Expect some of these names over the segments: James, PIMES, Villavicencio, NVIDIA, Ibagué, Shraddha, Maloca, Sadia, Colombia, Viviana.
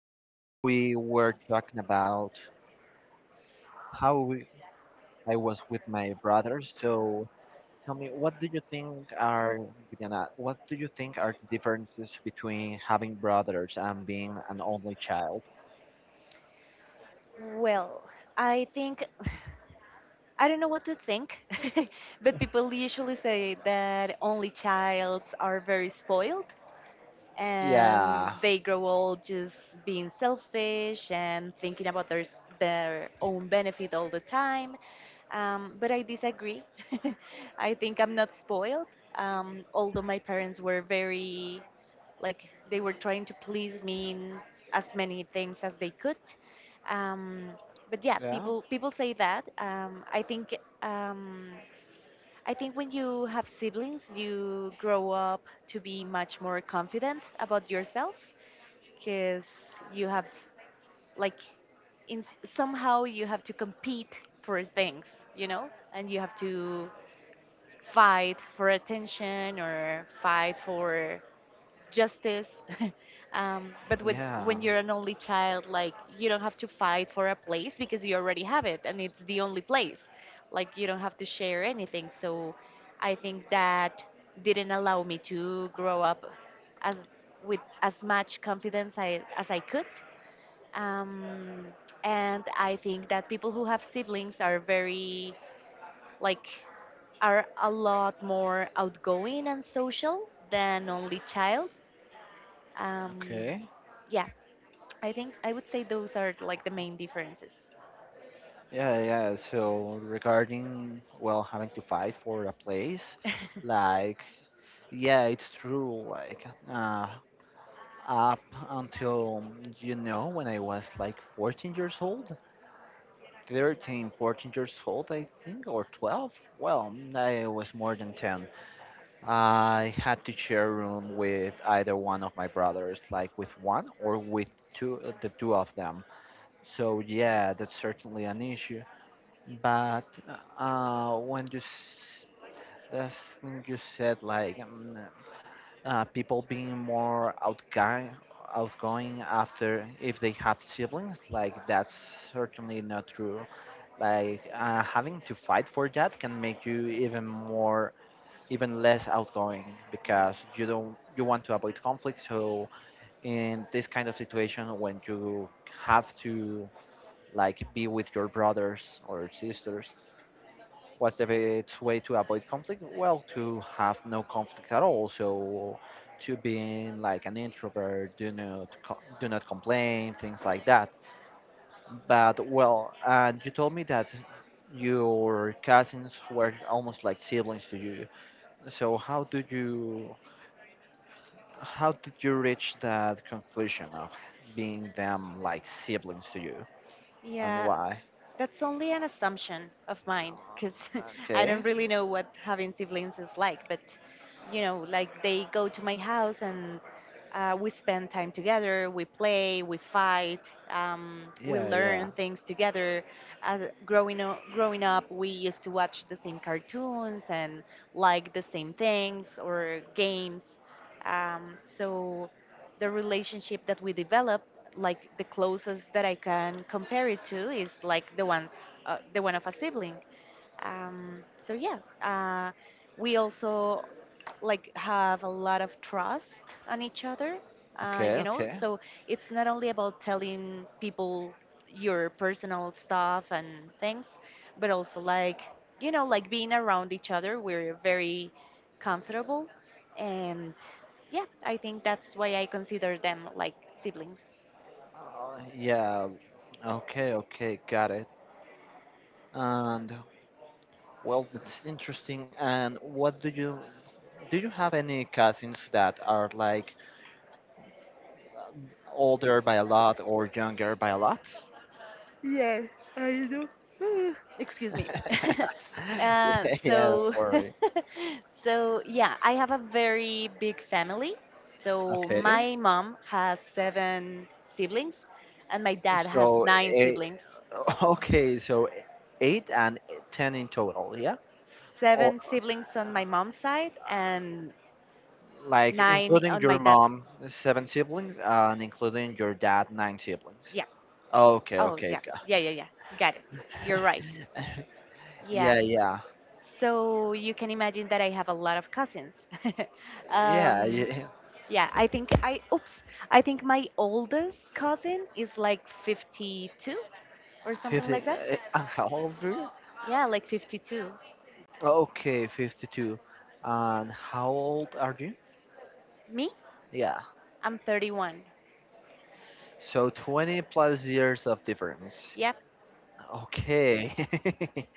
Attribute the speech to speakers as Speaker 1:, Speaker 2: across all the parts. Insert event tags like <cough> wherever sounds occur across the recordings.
Speaker 1: time we were talking about how we, I was with my brothers. So, tell me, what do you think are, Viviana, what do you think are the differences between having brothers and being an only child?
Speaker 2: Well, I think <sighs> I don't know what to think. <laughs> But people usually say that only childs are very spoiled and
Speaker 1: Yeah.
Speaker 2: they grow old just being selfish and thinking about their own benefit all the time. But I disagree. <laughs> I think I'm not spoiled. Although my parents were very, like, they were trying to please me in as many things as they could. Um, but yeah,
Speaker 1: Yeah.
Speaker 2: people say that. I think. Um, I think when you have siblings, you grow up to be much more confident about yourself because you have, like, somehow you have to compete for things, and you have to fight for attention or fight for justice. <laughs> But with
Speaker 1: Yeah.
Speaker 2: when you're an only child, like you don't have to fight for a place because you already have it, and it's the only place. Like you don't have to share anything. So I think that didn't allow me to grow up as with as much confidence as I could. Um, and I think that people who have siblings are very like are a lot more outgoing and social than only child, um,
Speaker 1: Okay.
Speaker 2: yeah, I think I would say those are like the main differences.
Speaker 1: Yeah, yeah. So regarding, well, having to fight for a place,
Speaker 2: <laughs>
Speaker 1: like, yeah, it's true. Like, up until, you know, when I was like 14 years old, 13 14 years old I think, or 12, well, I was more than 10. I had to share a room with either one of my brothers, like with one or with two, the two of them. So yeah, that's certainly an issue. But uh when you s- that's when you said like, people being more outgoing after if they have siblings. Like, that's certainly not true. Like, having to fight for that can make you even more, even less outgoing because you don't you want to avoid conflict. So in this kind of situation, when you have to, like, be with your brothers or sisters, what's the best way to avoid conflict? Well, to have no conflict at all. So, to being like an introvert, do not complain, things like that. But, well, and you told me that your cousins were almost like siblings to you. So how did you reach that conclusion of being them like siblings to you, and
Speaker 2: Yeah,
Speaker 1: why?
Speaker 2: that's only an assumption of mine because <laughs> I
Speaker 1: Okay.
Speaker 2: don't really know what having siblings is like. But, like they go to my house and we spend time together, we play, we fight, we
Speaker 1: Yeah, yeah.
Speaker 2: learn things together. As growing up, we used to watch the same cartoons and like the same things or games. So the relationship that we develop, like the closest that I can compare it to is like the one of a sibling. Um, so yeah, we also like have a lot of trust on each other. Uh,
Speaker 1: Okay,
Speaker 2: you know,
Speaker 1: okay.
Speaker 2: so it's not only about telling people your personal stuff and things, but also like being around each other. We're very comfortable, and yeah, I think that's why I consider them like siblings.
Speaker 1: Yeah. Okay, okay, got it. And, well, it's interesting. And what do? You have any cousins that are like older by a lot or younger by a lot?
Speaker 2: <sighs> Mm, excuse me.
Speaker 1: <laughs>
Speaker 2: <laughs>
Speaker 1: Yeah, yeah,
Speaker 2: So
Speaker 1: don't worry.
Speaker 2: <laughs> yeah, I have a very big family. So
Speaker 1: Okay.
Speaker 2: my mom has 7 siblings, and my dad has
Speaker 1: So
Speaker 2: nine
Speaker 1: eight,
Speaker 2: siblings
Speaker 1: okay, so eight and 10 in total, yeah? Or
Speaker 2: Seven siblings on
Speaker 1: uh,
Speaker 2: my mom's side and
Speaker 1: like,
Speaker 2: nine
Speaker 1: including
Speaker 2: on my
Speaker 1: your
Speaker 2: dad's
Speaker 1: mom, seven siblings, and including your dad, nine siblings.
Speaker 2: Yeah.
Speaker 1: Okay,
Speaker 2: Oh yeah,
Speaker 1: okay, got-
Speaker 2: yeah, yeah, yeah. Got it, you're right.
Speaker 1: <laughs>
Speaker 2: Yeah.
Speaker 1: yeah, yeah,
Speaker 2: So you can imagine that I have a lot of cousins. <laughs>
Speaker 1: yeah,
Speaker 2: um,
Speaker 1: yeah.
Speaker 2: yeah, I think I think my oldest cousin is like 52 or
Speaker 1: <laughs>
Speaker 2: something like
Speaker 1: 50.
Speaker 2: that.
Speaker 1: And how old are you?
Speaker 2: Yeah, like 52.
Speaker 1: Okay, 52. And how old are you?
Speaker 2: Me,
Speaker 1: Yeah.
Speaker 2: I'm 31.
Speaker 1: So 20 plus years of difference.
Speaker 2: Yep.
Speaker 1: Okay. <laughs>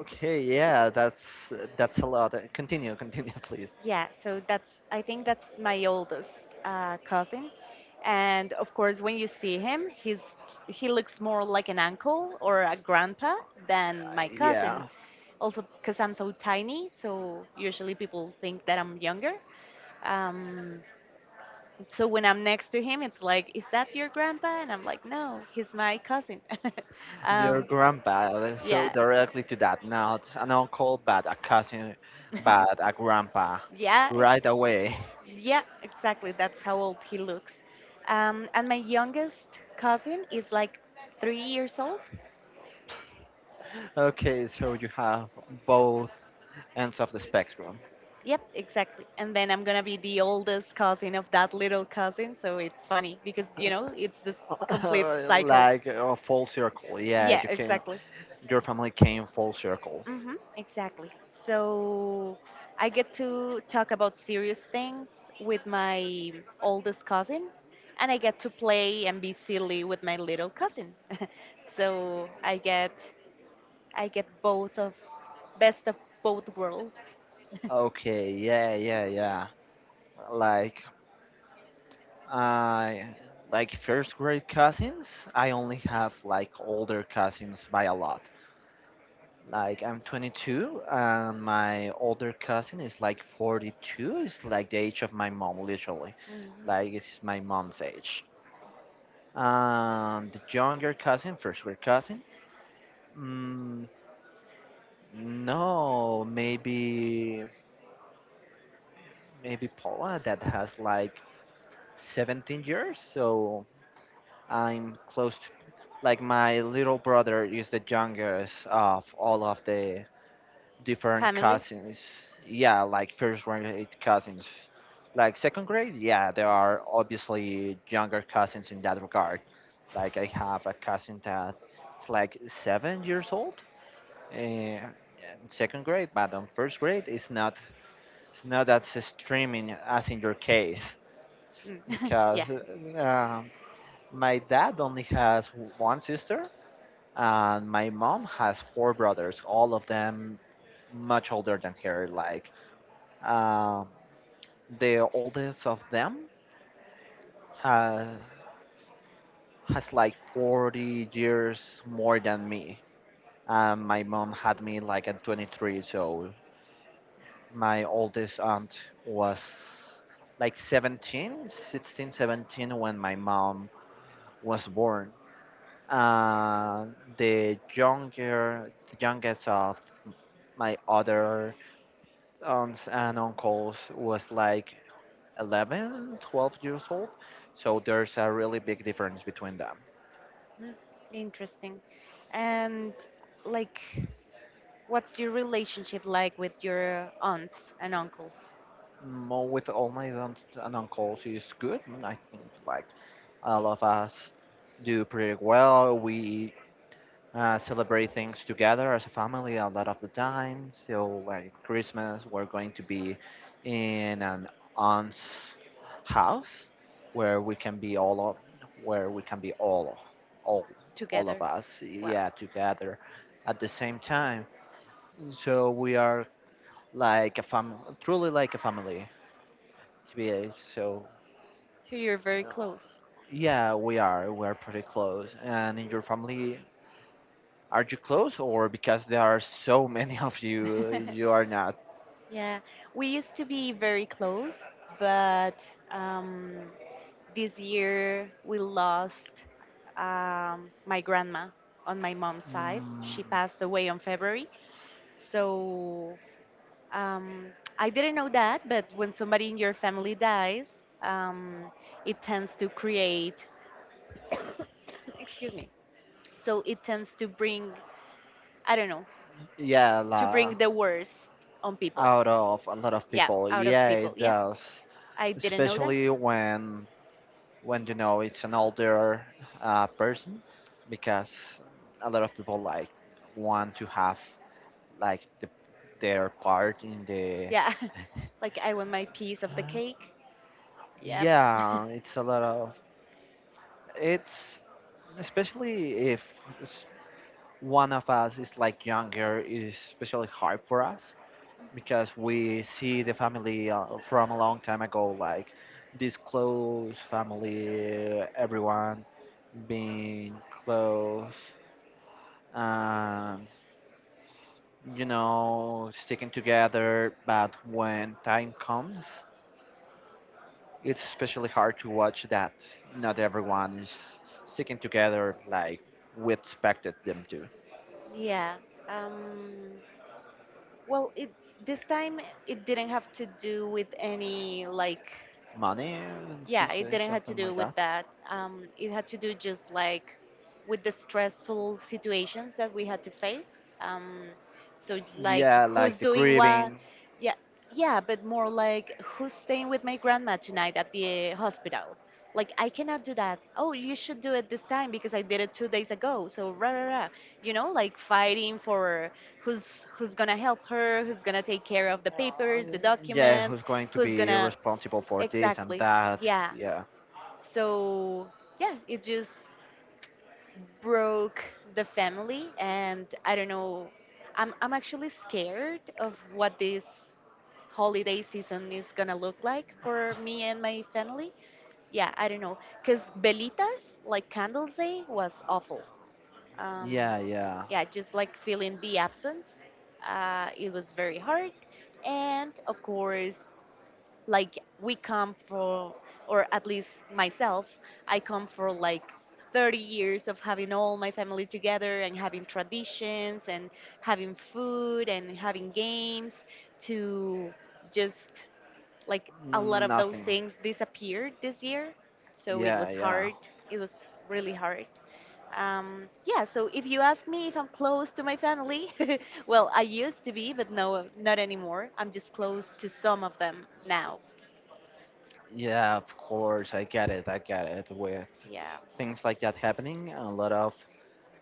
Speaker 1: Okay, yeah, that's a lot. Continue, continue, <laughs> please.
Speaker 2: Yeah, so that's I think that's my oldest, cousin. And of course, when you see him, he looks more like an uncle or a grandpa than my
Speaker 1: Uh,
Speaker 2: cousin.
Speaker 1: Yeah,
Speaker 2: Also because I'm so tiny, so usually people think that I'm younger. Um, so when I'm next to him, it's like, "Is that your grandpa?" And I'm like, "No, he's my cousin." <laughs>
Speaker 1: your
Speaker 2: um,
Speaker 1: grandpa. Let So
Speaker 2: yeah,
Speaker 1: directly to that, not an uncle, but a cousin, but a grandpa,
Speaker 2: yeah,
Speaker 1: right away. <laughs>
Speaker 2: yeah, exactly. That's how old he looks. And my youngest cousin is like 3 years old.
Speaker 1: Okay, so you have both ends of the spectrum.
Speaker 2: Yep, exactly. And then I'm gonna be the oldest cousin of that little cousin, so it's funny because you know it's this complete
Speaker 1: <laughs>
Speaker 2: cycle.
Speaker 1: Like a full circle. Yeah,
Speaker 2: Yeah,
Speaker 1: you came,
Speaker 2: exactly.
Speaker 1: your family came full circle.
Speaker 2: Mhm, exactly. So I get to talk about serious things with my oldest cousin, and I get to play and be silly with my little cousin. <laughs> so I get both of best of both worlds.
Speaker 1: Okay, yeah, yeah, yeah. Like I like first grade cousins. I only have like older cousins by a lot. Like, I'm 22 and my older cousin is like 42. It's like the age of my mom, literally.
Speaker 2: Mhm.
Speaker 1: Like, it's my mom's age. And the younger cousin, first grade cousin. Mm, no, maybe Paula that has like 17 years. So I'm close to, like, my little brother is the youngest of all of the different
Speaker 2: Family?
Speaker 1: cousins. Yeah, like first grade cousins. Like second grade, yeah, there are obviously younger cousins in that regard. Like I have a cousin that it's like 7 years old, in second grade, but on first grade it's not, it's not that streaming as in your case
Speaker 2: Mm. <laughs> Yeah.
Speaker 1: because um, my dad only has one sister and my mom has four brothers, all of them much older than her. Like, um, the oldest of them has has like 40 years more than me. My mom had me like at 23, so my oldest aunt was like 17, 16, 17 when my mom was born. Uh, the younger, the youngest of my other aunts and uncles was like 11 12 years old, so there's a really big difference between them.
Speaker 2: Mm. Interesting. And like, what's your relationship like with your aunts and uncles
Speaker 1: Mo with all my aunts and uncles is good, I think. Like all of us do pretty well. We celebrate things together as a family a lot of the time. So, like, Christmas, we're going to be in an aunt's house where we can be all of, where we can be all, all of
Speaker 2: together?
Speaker 1: us,
Speaker 2: Wow.
Speaker 1: yeah, together at the same time. So we are like a family, truly like a family, to be so.
Speaker 2: So you're very
Speaker 1: uh,
Speaker 2: close.
Speaker 1: Yeah, we are. We are pretty close. And in your family, are you close, or because there are so many of you,
Speaker 2: <laughs>
Speaker 1: you are not?
Speaker 2: Yeah, we used to be very close, but um, This year we lost, my grandma on my mom's side.
Speaker 1: Mm,
Speaker 2: She passed away on February. So, um, I didn't know that, but when somebody in your family dies, um, it tends to <laughs> excuse me, so it tends to I don't know,
Speaker 1: yeah,
Speaker 2: to bring the worst on people.
Speaker 1: out of a lot of
Speaker 2: Yeah,
Speaker 1: people.
Speaker 2: out of
Speaker 1: Yeah,
Speaker 2: people.
Speaker 1: it
Speaker 2: Yep.
Speaker 1: does,
Speaker 2: I didn't know that.
Speaker 1: especially when you know it's an older, person, because a lot of people, like, want to have like the, their part in the.
Speaker 2: Yeah. <laughs> like I want my piece of the cake. Yep.
Speaker 1: Yeah, it's a lot of, it's, especially if one of us is like younger, is especially hard for us because we see the family, from a long time ago, like this close family, everyone being close. um, you know, sticking together, but when time comes, it's especially hard to watch that not everyone is sticking together like we expected them to.
Speaker 2: Yeah. Um, well, it this time it didn't have to do with any, like,
Speaker 1: Money to
Speaker 2: yeah, it
Speaker 1: say
Speaker 2: didn't have to
Speaker 1: something
Speaker 2: do
Speaker 1: like
Speaker 2: with
Speaker 1: that.
Speaker 2: that. It had to do just like with the stressful situations that we had to face. um, so like
Speaker 1: Yeah, like
Speaker 2: who's
Speaker 1: the
Speaker 2: doing what.
Speaker 1: grieving.
Speaker 2: Yeah, yeah, but more like who's staying with my grandma tonight at the hospital, like I cannot do that, oh you should do it this time because I did it 2 days ago, so rah, rah, rah. You know, like fighting for who's gonna help her, who's gonna take care of the papers, the
Speaker 1: Yeah, who's
Speaker 2: documents,
Speaker 1: going to
Speaker 2: who's
Speaker 1: be
Speaker 2: gonna,
Speaker 1: responsible for this and
Speaker 2: exactly,
Speaker 1: that?
Speaker 2: yeah.
Speaker 1: Yeah,
Speaker 2: So yeah, it just broke the family, and I don't know. I'm actually scared of what this holiday season is gonna look like for me and my family. Yeah, I don't know, cause Belitas, like candles day was awful. Um,
Speaker 1: yeah, yeah.
Speaker 2: yeah, just like feeling the absence, it was very hard, and of course like we come for or at least myself I come for like 30 years of having all my family together and having traditions and having food and having games to just like a lot of those
Speaker 1: Nothing.
Speaker 2: things disappeared this year, so it
Speaker 1: Yeah,
Speaker 2: was
Speaker 1: yeah.
Speaker 2: hard it was really hard. Yeah, so if you ask me if I'm close to my family, <laughs> well, I used to be, but no, not anymore, I'm just close to some of them now.
Speaker 1: Yeah, of course, I get it. I get it. With
Speaker 2: Yeah.
Speaker 1: things like that happening, a lot of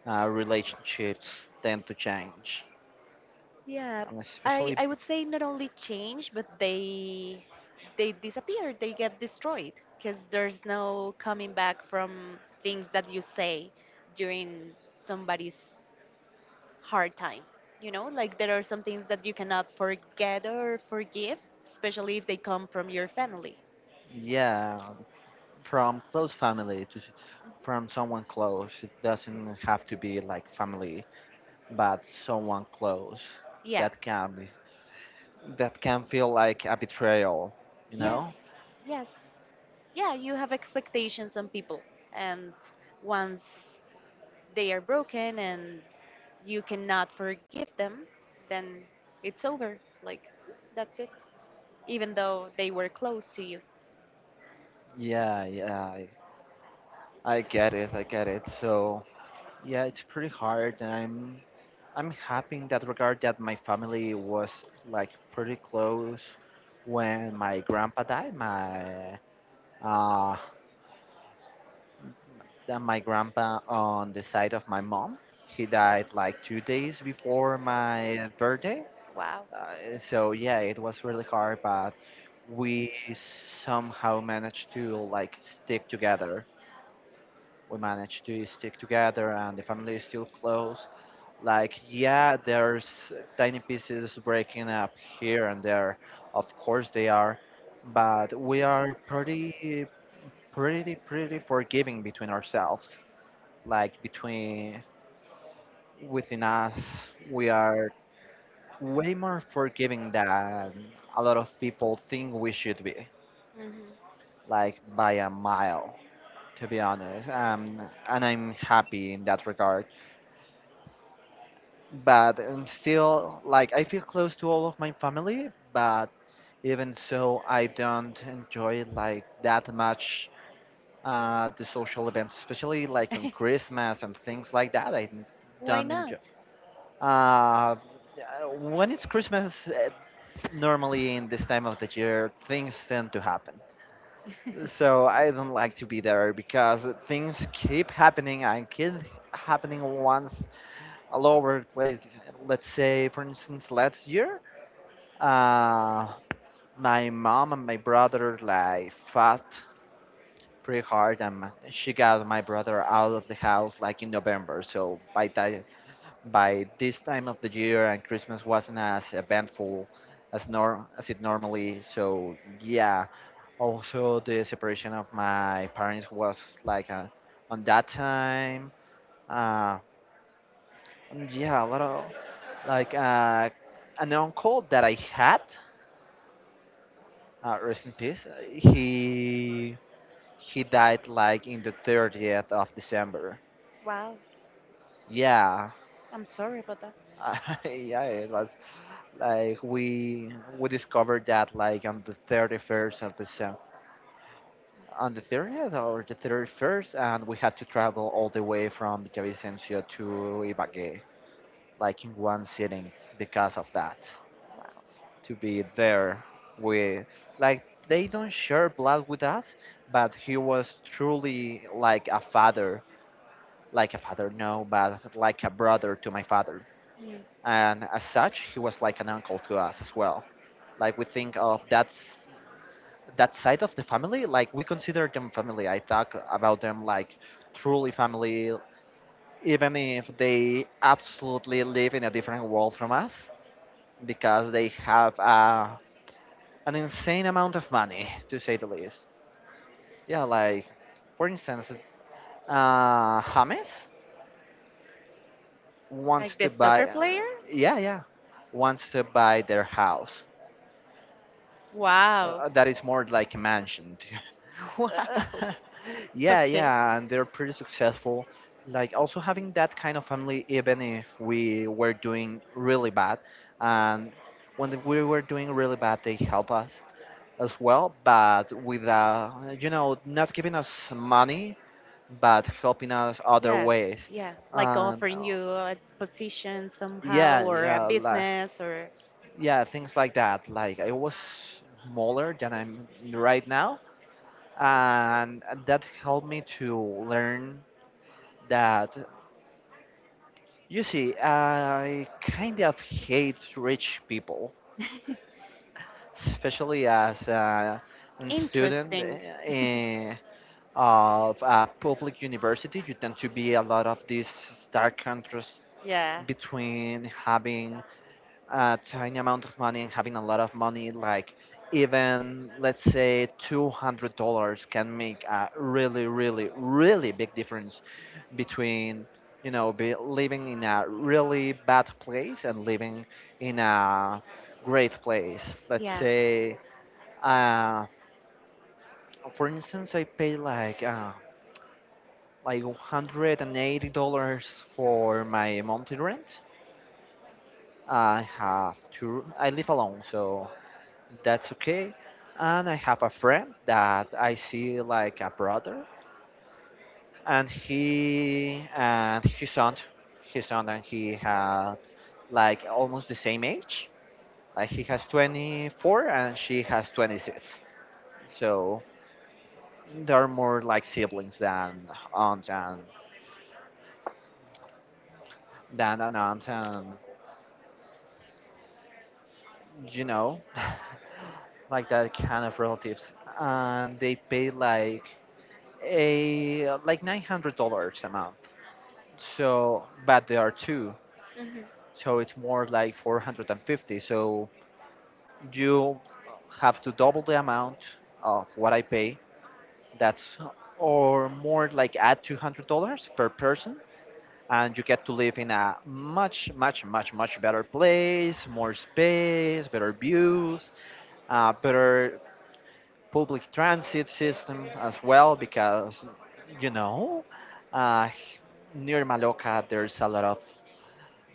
Speaker 1: relationships tend to change.
Speaker 2: Yeah,
Speaker 1: And
Speaker 2: I
Speaker 1: especially,
Speaker 2: I would say not only change, but they disappear, they get destroyed because there's no coming back from things that you say during somebody's hard time. You know, like there are some things that you cannot forget or forgive, especially if they come from your family.
Speaker 1: yeah, from close family from someone close, it doesn't have to be like family, but someone close,
Speaker 2: Yeah.
Speaker 1: that can be, that can feel like a betrayal, you
Speaker 2: Yes.
Speaker 1: know.
Speaker 2: Yes. Yeah, you have expectations on people, and once they are broken and you cannot forgive them, then it's over. Like, that's it. Even though they were close to you.
Speaker 1: Yeah, yeah, I get it, I get it. So yeah, it's pretty hard and I'm happy in that regard that my family was, like, pretty close. When my grandpa died, my, uh, that my grandpa on the side of my mom, he died like 2 days before my birthday.
Speaker 2: Wow.
Speaker 1: So yeah, it was really hard, but we somehow managed to, like, stick together. We managed to stick together and the family is still close. Like, yeah, there's tiny pieces breaking up here and there, of course they are, but we are pretty, pretty, pretty forgiving between ourselves, like, between, within us, we are way more forgiving than a lot of people think we should be,
Speaker 2: Hmm. <laughs>
Speaker 1: like, by a mile, to be honest. And I'm happy in that regard. But I'm still, like, I feel close to all of my family, but even so, I don't enjoy, like, that much, the social events, especially, like, on Christmas and things like that. I
Speaker 2: Why
Speaker 1: don't
Speaker 2: not?
Speaker 1: enjoy. Uh, uh, when it's Christmas, normally in this time of the year things tend to happen,
Speaker 2: <laughs>
Speaker 1: so I don't like to be there because things keep happening and keep happening, once, all over the place. Let's say, for instance, last year, uh, my mom and my brother, like, fought pretty hard and she got my brother out of the house, like, in November. So, by this time of the year, and Christmas wasn't as eventful as, nor as it normally. So yeah, also the separation of my parents was like, on that time. Uh, and yeah, a lot of, like, an uncle that I had, rest in peace. He died like in the 30th of December.
Speaker 2: Wow.
Speaker 1: Yeah,
Speaker 2: I'm sorry about that.
Speaker 1: <laughs> yeah, it was like we discovered that like on the 31st of December, on the 30th or the 31st, and we had to travel all the way from Villavicencio to Ibagué, like in one sitting, because of that.
Speaker 2: Wow.
Speaker 1: To be there with, like, they don't share blood with us, but he was truly like a father, like a father, no, but like a brother to my father.
Speaker 2: Mm.
Speaker 1: And as such, he was like an uncle to us as well. Like we think of that side of the family, like, we consider them family. I talk about them like truly family, even if they absolutely live in a different world from us because they have an insane amount of money, to say the least. Yeah, like, for instance, James wants
Speaker 2: Like
Speaker 1: to
Speaker 2: the
Speaker 1: buy,
Speaker 2: soccer player?
Speaker 1: yeah, yeah, wants to buy their house,
Speaker 2: Wow.
Speaker 1: that is more like a mansion.
Speaker 2: <laughs> Wow.
Speaker 1: <laughs> <laughs> Yeah,
Speaker 2: Okay.
Speaker 1: yeah, and they're pretty successful. Like, also having that kind of family, even if we were doing really bad, and when we were doing really bad, they help us as well. But with, you know, not giving us money, but helping us other
Speaker 2: Yeah,
Speaker 1: ways,
Speaker 2: yeah, like
Speaker 1: and
Speaker 2: offering you a position somehow
Speaker 1: yeah,
Speaker 2: or a
Speaker 1: yeah, like,
Speaker 2: business, or.
Speaker 1: yeah, things like that. Like I was smaller than I'm right now, and that helped me to learn that, you see, I kind of hate rich people,
Speaker 2: <laughs>
Speaker 1: especially as a student,
Speaker 2: interesting. <laughs>
Speaker 1: eh, of a public university. You tend to be a lot of this stark contrast
Speaker 2: Yeah,
Speaker 1: between having a tiny amount of money and having a lot of money, like, even, let's say, $200 can make a really, really, really big difference between, you know, be living in a really bad place and living in a great place. Let's
Speaker 2: yeah.
Speaker 1: say, uh, for instance, I pay like like $180 for my monthly rent. I have to. I live alone, so that's okay. And I have a friend that I see like a brother, and he and his son, and he had like almost the same age. Like, he has 24 and she has 26. So they are more like siblings than aunt and than an aunt and you know, <laughs> like that kind of relatives. And they pay like a like $900 a month. So, but there are two.
Speaker 2: Hmm.
Speaker 1: So it's more like 450. So you have to double the amount of what I pay. That's or more like add $200 per person. And you get to live in a much, much, much, much better place, more space, better views, better public transit system as well, because, you know, uh, near Maloca, there's a lot of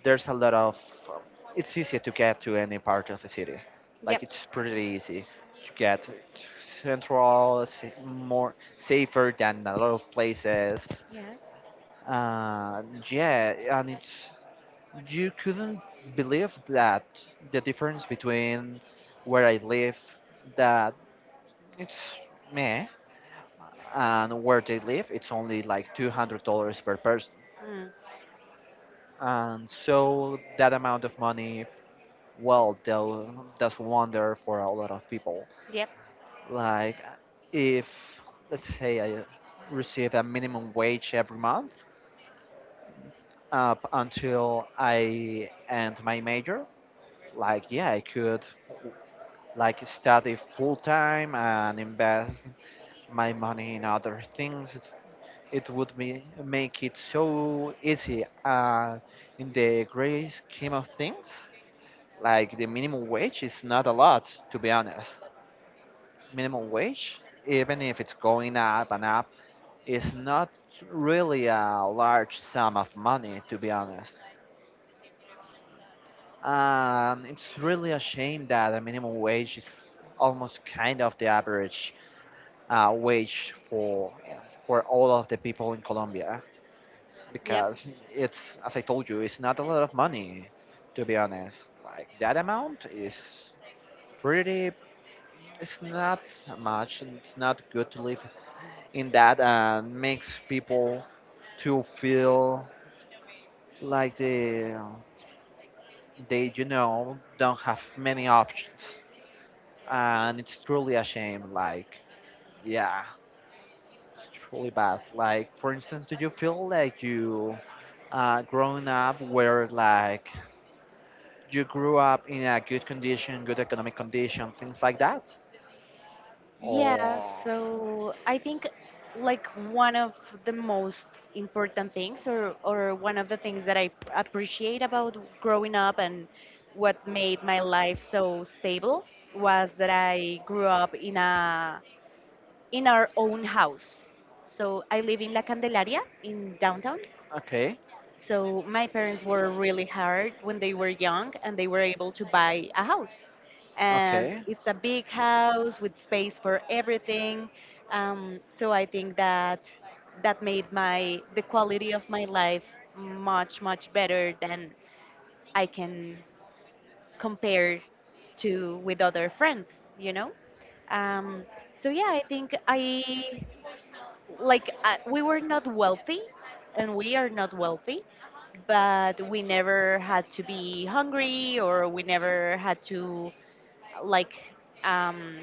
Speaker 1: there's a lot of um, it's easier to get to any part of the city, like,
Speaker 2: Yep.
Speaker 1: it's pretty easy to get to more safer than a lot of places.
Speaker 2: Yeah.
Speaker 1: uh, yeah, and it's you couldn't believe that the difference between where I live, that it's meh, and where they live, it's only like $200 per person,
Speaker 2: Mm.
Speaker 1: and so that amount of money, well, they'll that's wonder for a lot of people.
Speaker 2: Yep.
Speaker 1: Like, if let's say I receive a minimum wage every month up until I end my major, like, yeah, I could like study full time and invest my money in other things. It would be, make it so easy, in the great scheme of things, like, the minimum wage is not a lot, to be honest. Minimum wage, even if it's going up and up, is not really a large sum of money, to be honest. And it's really a shame that the minimum wage is almost kind of the average wage for all of the people in Colombia,
Speaker 2: Yep.
Speaker 1: because it's, as I told you, it's not a lot of money, to be honest. Like, that amount is pretty. It's not much, and it's not good to live in that, and makes people to feel like they don't have many options, and it's truly a shame. Like, yeah, it's truly bad. Like, for instance, do you feel like you growing up where, like, you grew up in a good condition, good economic condition, things like that,
Speaker 2: Yeah,
Speaker 1: or?
Speaker 2: so I think like one of the most important things or one of the things that appreciate about growing up and what made my life so stable was that I grew up in our own house. So I live in La Candelaria in downtown.
Speaker 1: Okay.
Speaker 2: So my parents were really hard when they were young and they were able to buy a house. And
Speaker 1: Okay.
Speaker 2: it's a big house with space for everything. So I think that that made my the quality of my life much better than I can compare to with other friends, you know. Um, so yeah, I think I like we were not wealthy and we are not wealthy, but we never had to be hungry or we never had to, like um,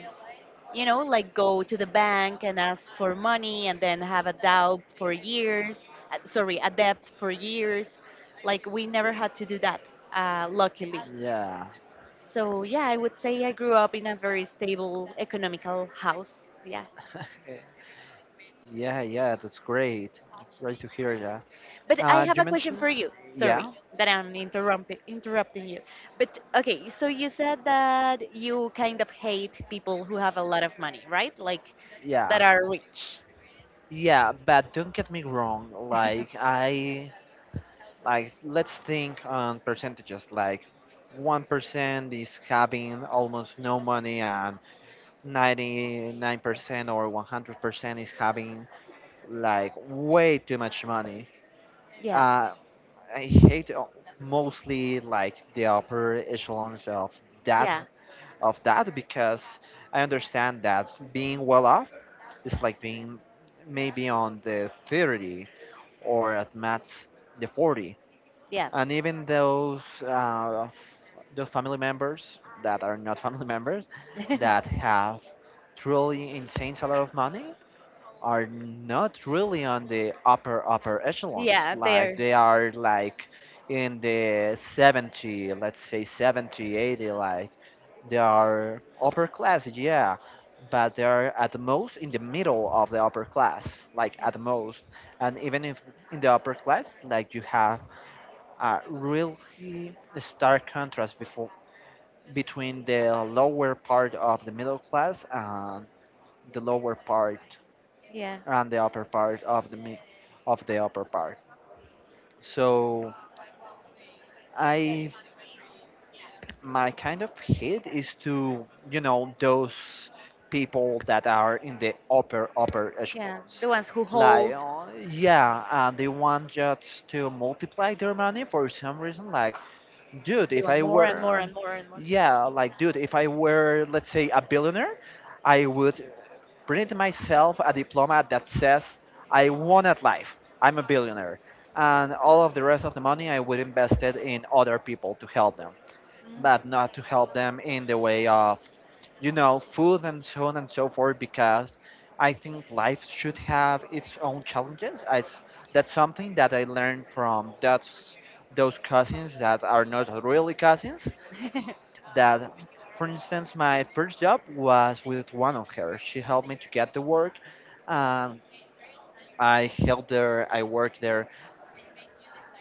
Speaker 2: go to the bank and ask for money and then have a doubt for years, sorry, a debt for years. Like we never had to do that,
Speaker 1: And
Speaker 2: luckily.
Speaker 1: love that. Yeah.
Speaker 2: So yeah, I would say I grew up in a very stable economical house. Yeah.
Speaker 1: <laughs> Yeah, yeah, that's great. Great to hear that.
Speaker 2: But I have
Speaker 1: You
Speaker 2: a question
Speaker 1: mentioned,
Speaker 2: for you. Sorry
Speaker 1: yeah,
Speaker 2: that I'm interrupting you. But okay, so you said that you kind of hate people who have a lot of money, right? Like that
Speaker 1: yeah.
Speaker 2: are rich.
Speaker 1: Yeah, but don't get me wrong.
Speaker 2: <laughs>
Speaker 1: Like, let's think on percentages. Like, 1% is having almost no money, and 99% or 100% is having like way too much money.
Speaker 2: Yeah.
Speaker 1: Uh, I hate mostly like the upper echelons of that,
Speaker 2: Yeah.
Speaker 1: because I understand that being well off is like being maybe on the 30, or at max the 40,
Speaker 2: Yeah.
Speaker 1: and even those, those family members that are not <laughs> family members, that
Speaker 2: <laughs>
Speaker 1: have truly insane a lot of money, are not really on the upper upper echelons.
Speaker 2: Yeah,
Speaker 1: Like,
Speaker 2: they're,
Speaker 1: they are like in the 70, let's say 70 80, like, they are upper class, yeah, but they are at the most in the middle of the upper class, like,
Speaker 2: yeah,
Speaker 1: at the most. And even if in the upper class, like, you have a really stark contrast before, between the lower part of the middle class and the lower part,
Speaker 2: yeah,
Speaker 1: and the upper part of the of the upper part. So, I my kind of hate is to those people that are in the upper upper
Speaker 2: yeah.
Speaker 1: echelons.
Speaker 2: The ones who
Speaker 1: Like,
Speaker 2: hold,
Speaker 1: yeah, and they want just to multiply their money for some reason. Like, dude
Speaker 2: they
Speaker 1: if I
Speaker 2: want more and more
Speaker 1: were
Speaker 2: and more and more.
Speaker 1: yeah, like, dude, if I were, let's say, a billionaire, I would print myself a diploma that says I won at life, I'm a billionaire, and all of the rest of the money I would invest it in other people to help them, but not to help them in the way of, you know, food and so on and so forth, because I think life should have its own challenges. That's something that I learned from, those cousins that are not really cousins.
Speaker 2: Mm.
Speaker 1: That, for instance, my first job was with one of her. She helped me to get the work, and I helped her, I worked there,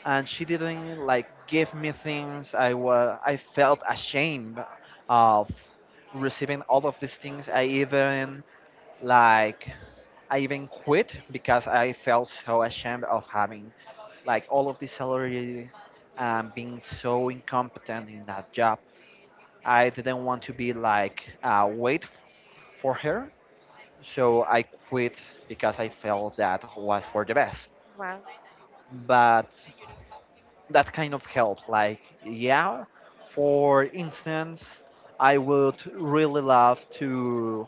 Speaker 1: and she didn't like give me things, i felt ashamed of receiving all of these things. I even like i even quit because I felt so ashamed of having like all of these salaries and being so incompetent in that job. I didn't want to be like wait for her, so I quit because I felt that was for the best.
Speaker 2: <laughs> Wow.
Speaker 1: But that kind of help. Like, yeah, for instance, I would really love to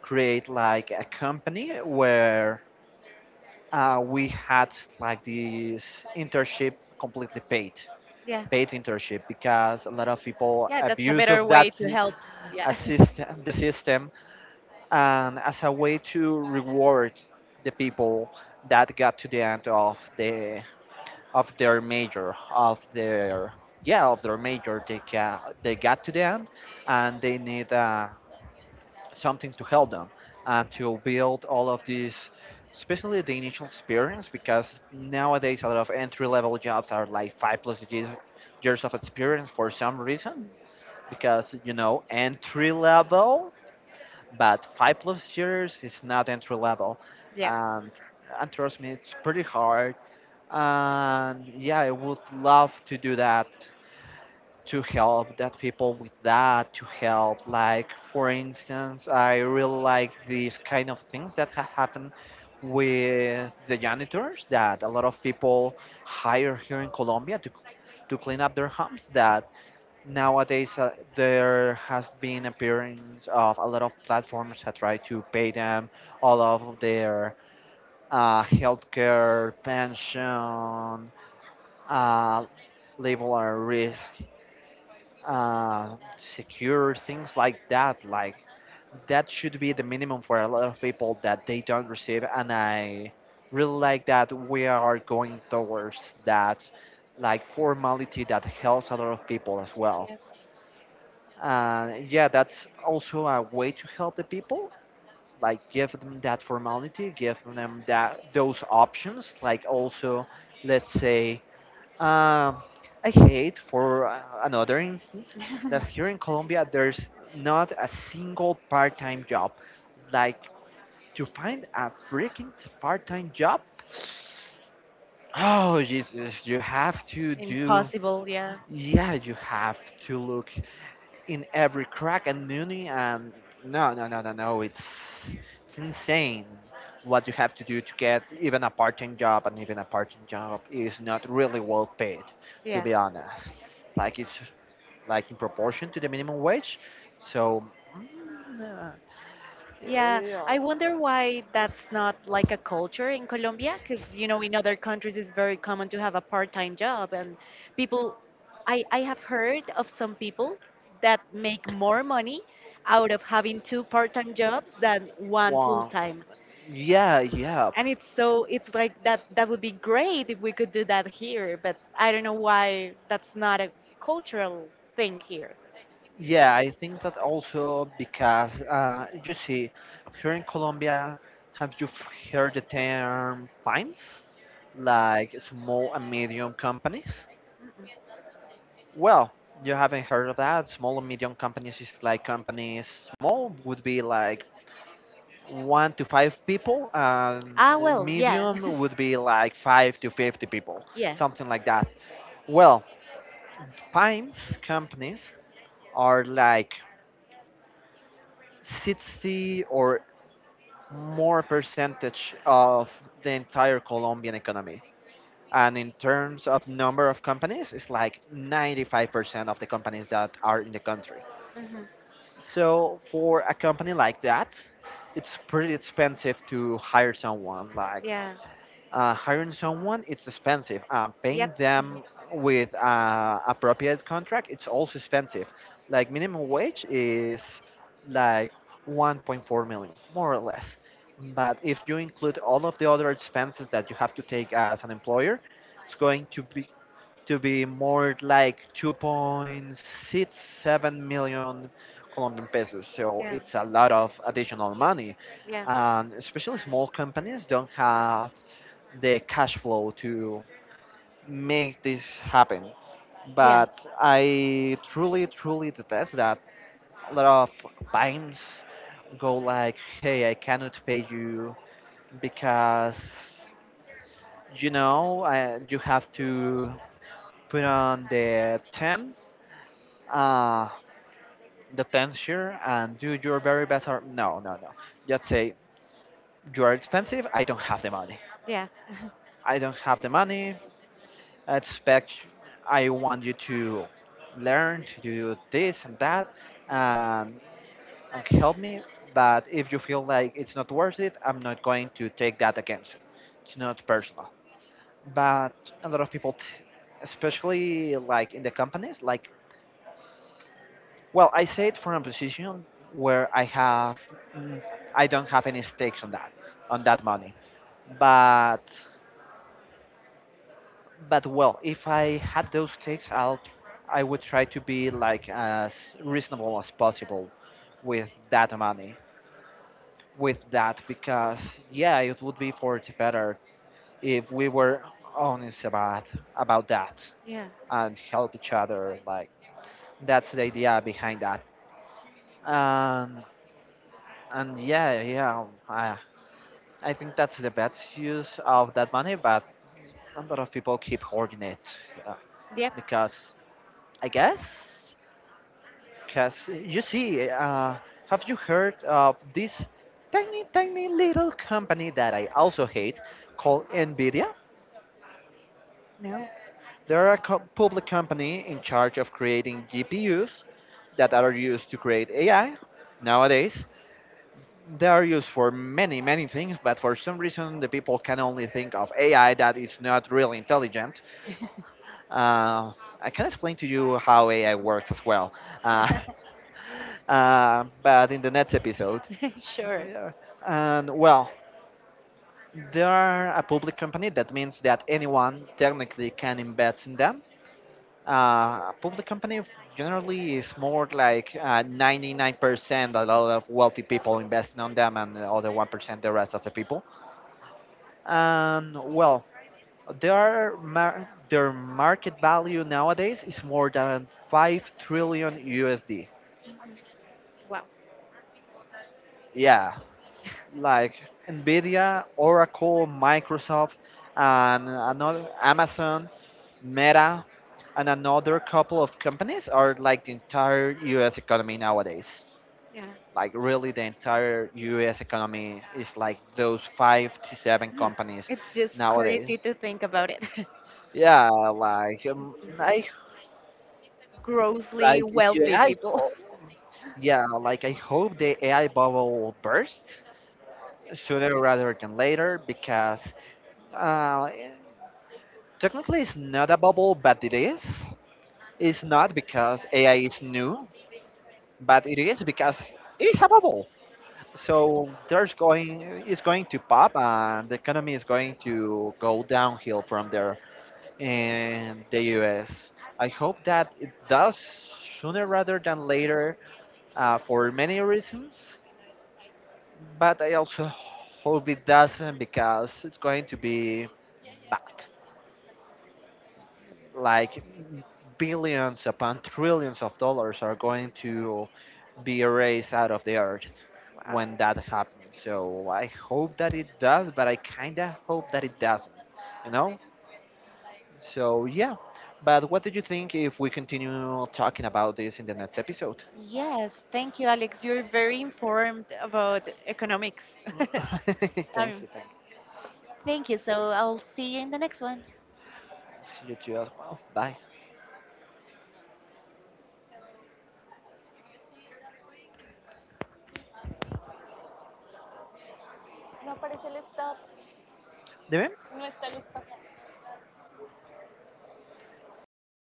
Speaker 1: create, like, a company where we had like this internship completely paid.
Speaker 2: Yeah.
Speaker 1: Paid internship, because a lot of people
Speaker 2: Yeah, that's a
Speaker 1: abuse
Speaker 2: better
Speaker 1: of
Speaker 2: way
Speaker 1: that
Speaker 2: to help. Yeah. <laughs>
Speaker 1: the system, and as a way to reward the people that got to the end of the of their major of their yeah of their major, they got to the end, and they need something to help them and to build all of these, especially the initial experience, because nowadays a lot of entry level jobs are like five plus years of experience, for some reason, because, you know, entry level, but 5+ years is not entry level.
Speaker 2: Yeah.
Speaker 1: And trust me, it's pretty hard, and yeah, I would love to do that, to help that people with that, to help, like, for instance, I really like these kind of things that happen with the janitors, that a lot of people hire here in colombia to clean up their homes, that nowadays, there have been appearance of a lot of platforms that try to pay them all of their healthcare pension, uh, label our risk, secure, things like that. Like, that should be the minimum for a lot of people that they don't receive, and I really like that we are going towards that, like, formality that helps a lot of people as well.
Speaker 2: Yeah.
Speaker 1: And yeah, that's also a way to help the people. Like, give them that formality, give them that, those options. Like also, let's say, um, I hate, for another instance, that
Speaker 2: <laughs>
Speaker 1: here in Colombia there's not a single part-time job. Like, to find a freaking part-time job, oh Jesus, you have to do.
Speaker 2: Impossible, yeah.
Speaker 1: Yeah, you have to look in every crack and noonie, and no, no, no, no, no, it's insane what you have to do to get even a part-time job, and even a part-time job is not really well paid, to
Speaker 2: Yeah.
Speaker 1: be honest, like, it's, like, in proportion to the minimum wage. So, mm, uh,
Speaker 2: Yeah,
Speaker 1: yeah,
Speaker 2: I wonder why that's not like a culture in Colombia, because you know in other countries it's very common to have a part-time job, and people, I have heard of some people that make more money out of having two part-time jobs than one
Speaker 1: well,
Speaker 2: full-time,
Speaker 1: yeah yeah
Speaker 2: and it's like that, that would be great if we could do that here, but I don't know why that's not a cultural thing here.
Speaker 1: Yeah, I think that also because, you see, here in Colombia, have you heard the term PIMES, like, small and medium companies? Well, you haven't heard of that. Small and medium companies is like companies, small would be like one to five people, and
Speaker 2: Ah, well, yeah,
Speaker 1: medium
Speaker 2: <laughs>
Speaker 1: would be like five to 50 people,
Speaker 2: yeah,
Speaker 1: something like that. Well, PIMES companies are like 60 or more percentage of the entire Colombian economy. And in terms of number of companies, it's like 95% of the companies that are in the country.
Speaker 2: hmm,
Speaker 1: So for a company like that, it's pretty expensive to hire someone. Like,
Speaker 2: yeah,
Speaker 1: hiring someone, it's expensive, paying
Speaker 2: yep.
Speaker 1: them with appropriate contract, it's also expensive. Like, minimum wage is like 1.4 million, more or less, but if you include all of the other expenses that you have to take as an employer, it's going to be, more like 2.67 million colombian pesos, so
Speaker 2: Yeah.
Speaker 1: it's a lot of additional money.
Speaker 2: Yeah.
Speaker 1: And especially small companies don't have the cash flow to make this happen.
Speaker 2: Yeah.
Speaker 1: But I truly, truly detest that a lot of times go like, "Hey, I cannot pay you because, you know, you have to put on the ten, uh, the ten share, and do your very best." Or no, no, no. Just say, you are expensive. I don't have the money.
Speaker 2: Yeah. <laughs>
Speaker 1: I don't have the money. I expect I want you to learn to do this and that, and, and, help me. But if you feel like it's not worth it, I'm not going to take that against it. It's not personal. But a lot of people, especially like in the companies, like, well, I say it from a position where I have, mm, I don't have any stakes on that, money. But, well, if I had those takes, I would try to be like as reasonable as possible with that money, with that, because yeah, it would be for the better if we were honest about that,
Speaker 2: Yeah.
Speaker 1: and help each other. Like, that's the idea behind that. And and yeah, yeah, I think that's the best use of that money, but a lot of people keep hoarding it, yeah,
Speaker 2: Yep.
Speaker 1: because, I guess. Because, you see, have you heard of this tiny, tiny little company that I also hate called NVIDIA?
Speaker 2: No.
Speaker 1: They're a public company in charge of creating GPUs that are used to create AI nowadays. They are used for many, many things, but for some reason, the people can only think of AI that is not really intelligent. Uh, I can explain to you how AI works as well. Uh, <laughs> but in the next episode.
Speaker 2: <laughs> Sure.
Speaker 1: Yeah. And well, they are a public company. That means that anyone technically can invest in them. A public company generally is more like 99% a lot of wealthy people investing on them, and the other 1% the rest of the people. And well, their their market value nowadays is more than 5 trillion USD.
Speaker 2: Wow.
Speaker 1: Yeah, like Nvidia, Oracle, Microsoft, and another Amazon, Meta, and another couple of companies are like the entire U.S. economy nowadays.
Speaker 2: Yeah.
Speaker 1: Like really, the entire U.S. economy is like those five to seven companies
Speaker 2: It's just
Speaker 1: nowadays.
Speaker 2: crazy to think about it. <laughs>
Speaker 1: Yeah, like,
Speaker 2: It's, uh,
Speaker 1: I
Speaker 2: Grossly
Speaker 1: like yeah,
Speaker 2: wealthy
Speaker 1: I
Speaker 2: people. <laughs>
Speaker 1: hope yeah, like, I hope the AI bubble will burst sooner rather than later because, uh, technically, it's not a bubble, but it is. It's not because AI is new, but it is because it's a bubble. So it's going to pop, and the economy is going to go downhill from there in the U.S. I hope that it does sooner rather than later, for many reasons. But I also hope it doesn't because it's going to be bad, like, billions upon trillions of dollars are going to be erased out of the earth
Speaker 2: Wow.
Speaker 1: when that happens. So I hope that it does, but I kind of hope that it doesn't, you know? So yeah. But what do you think if we continue talking about this in the next episode?
Speaker 2: Yes, thank you, Alex. You're very informed about economics. <laughs>
Speaker 1: <laughs> Thank
Speaker 2: Um,
Speaker 1: you, thank you.
Speaker 2: thank you. So I'll see you in the next one.
Speaker 1: See you too as well. Bye.
Speaker 2: No aparece el stop.
Speaker 1: Deben
Speaker 2: No está el stop. Ah,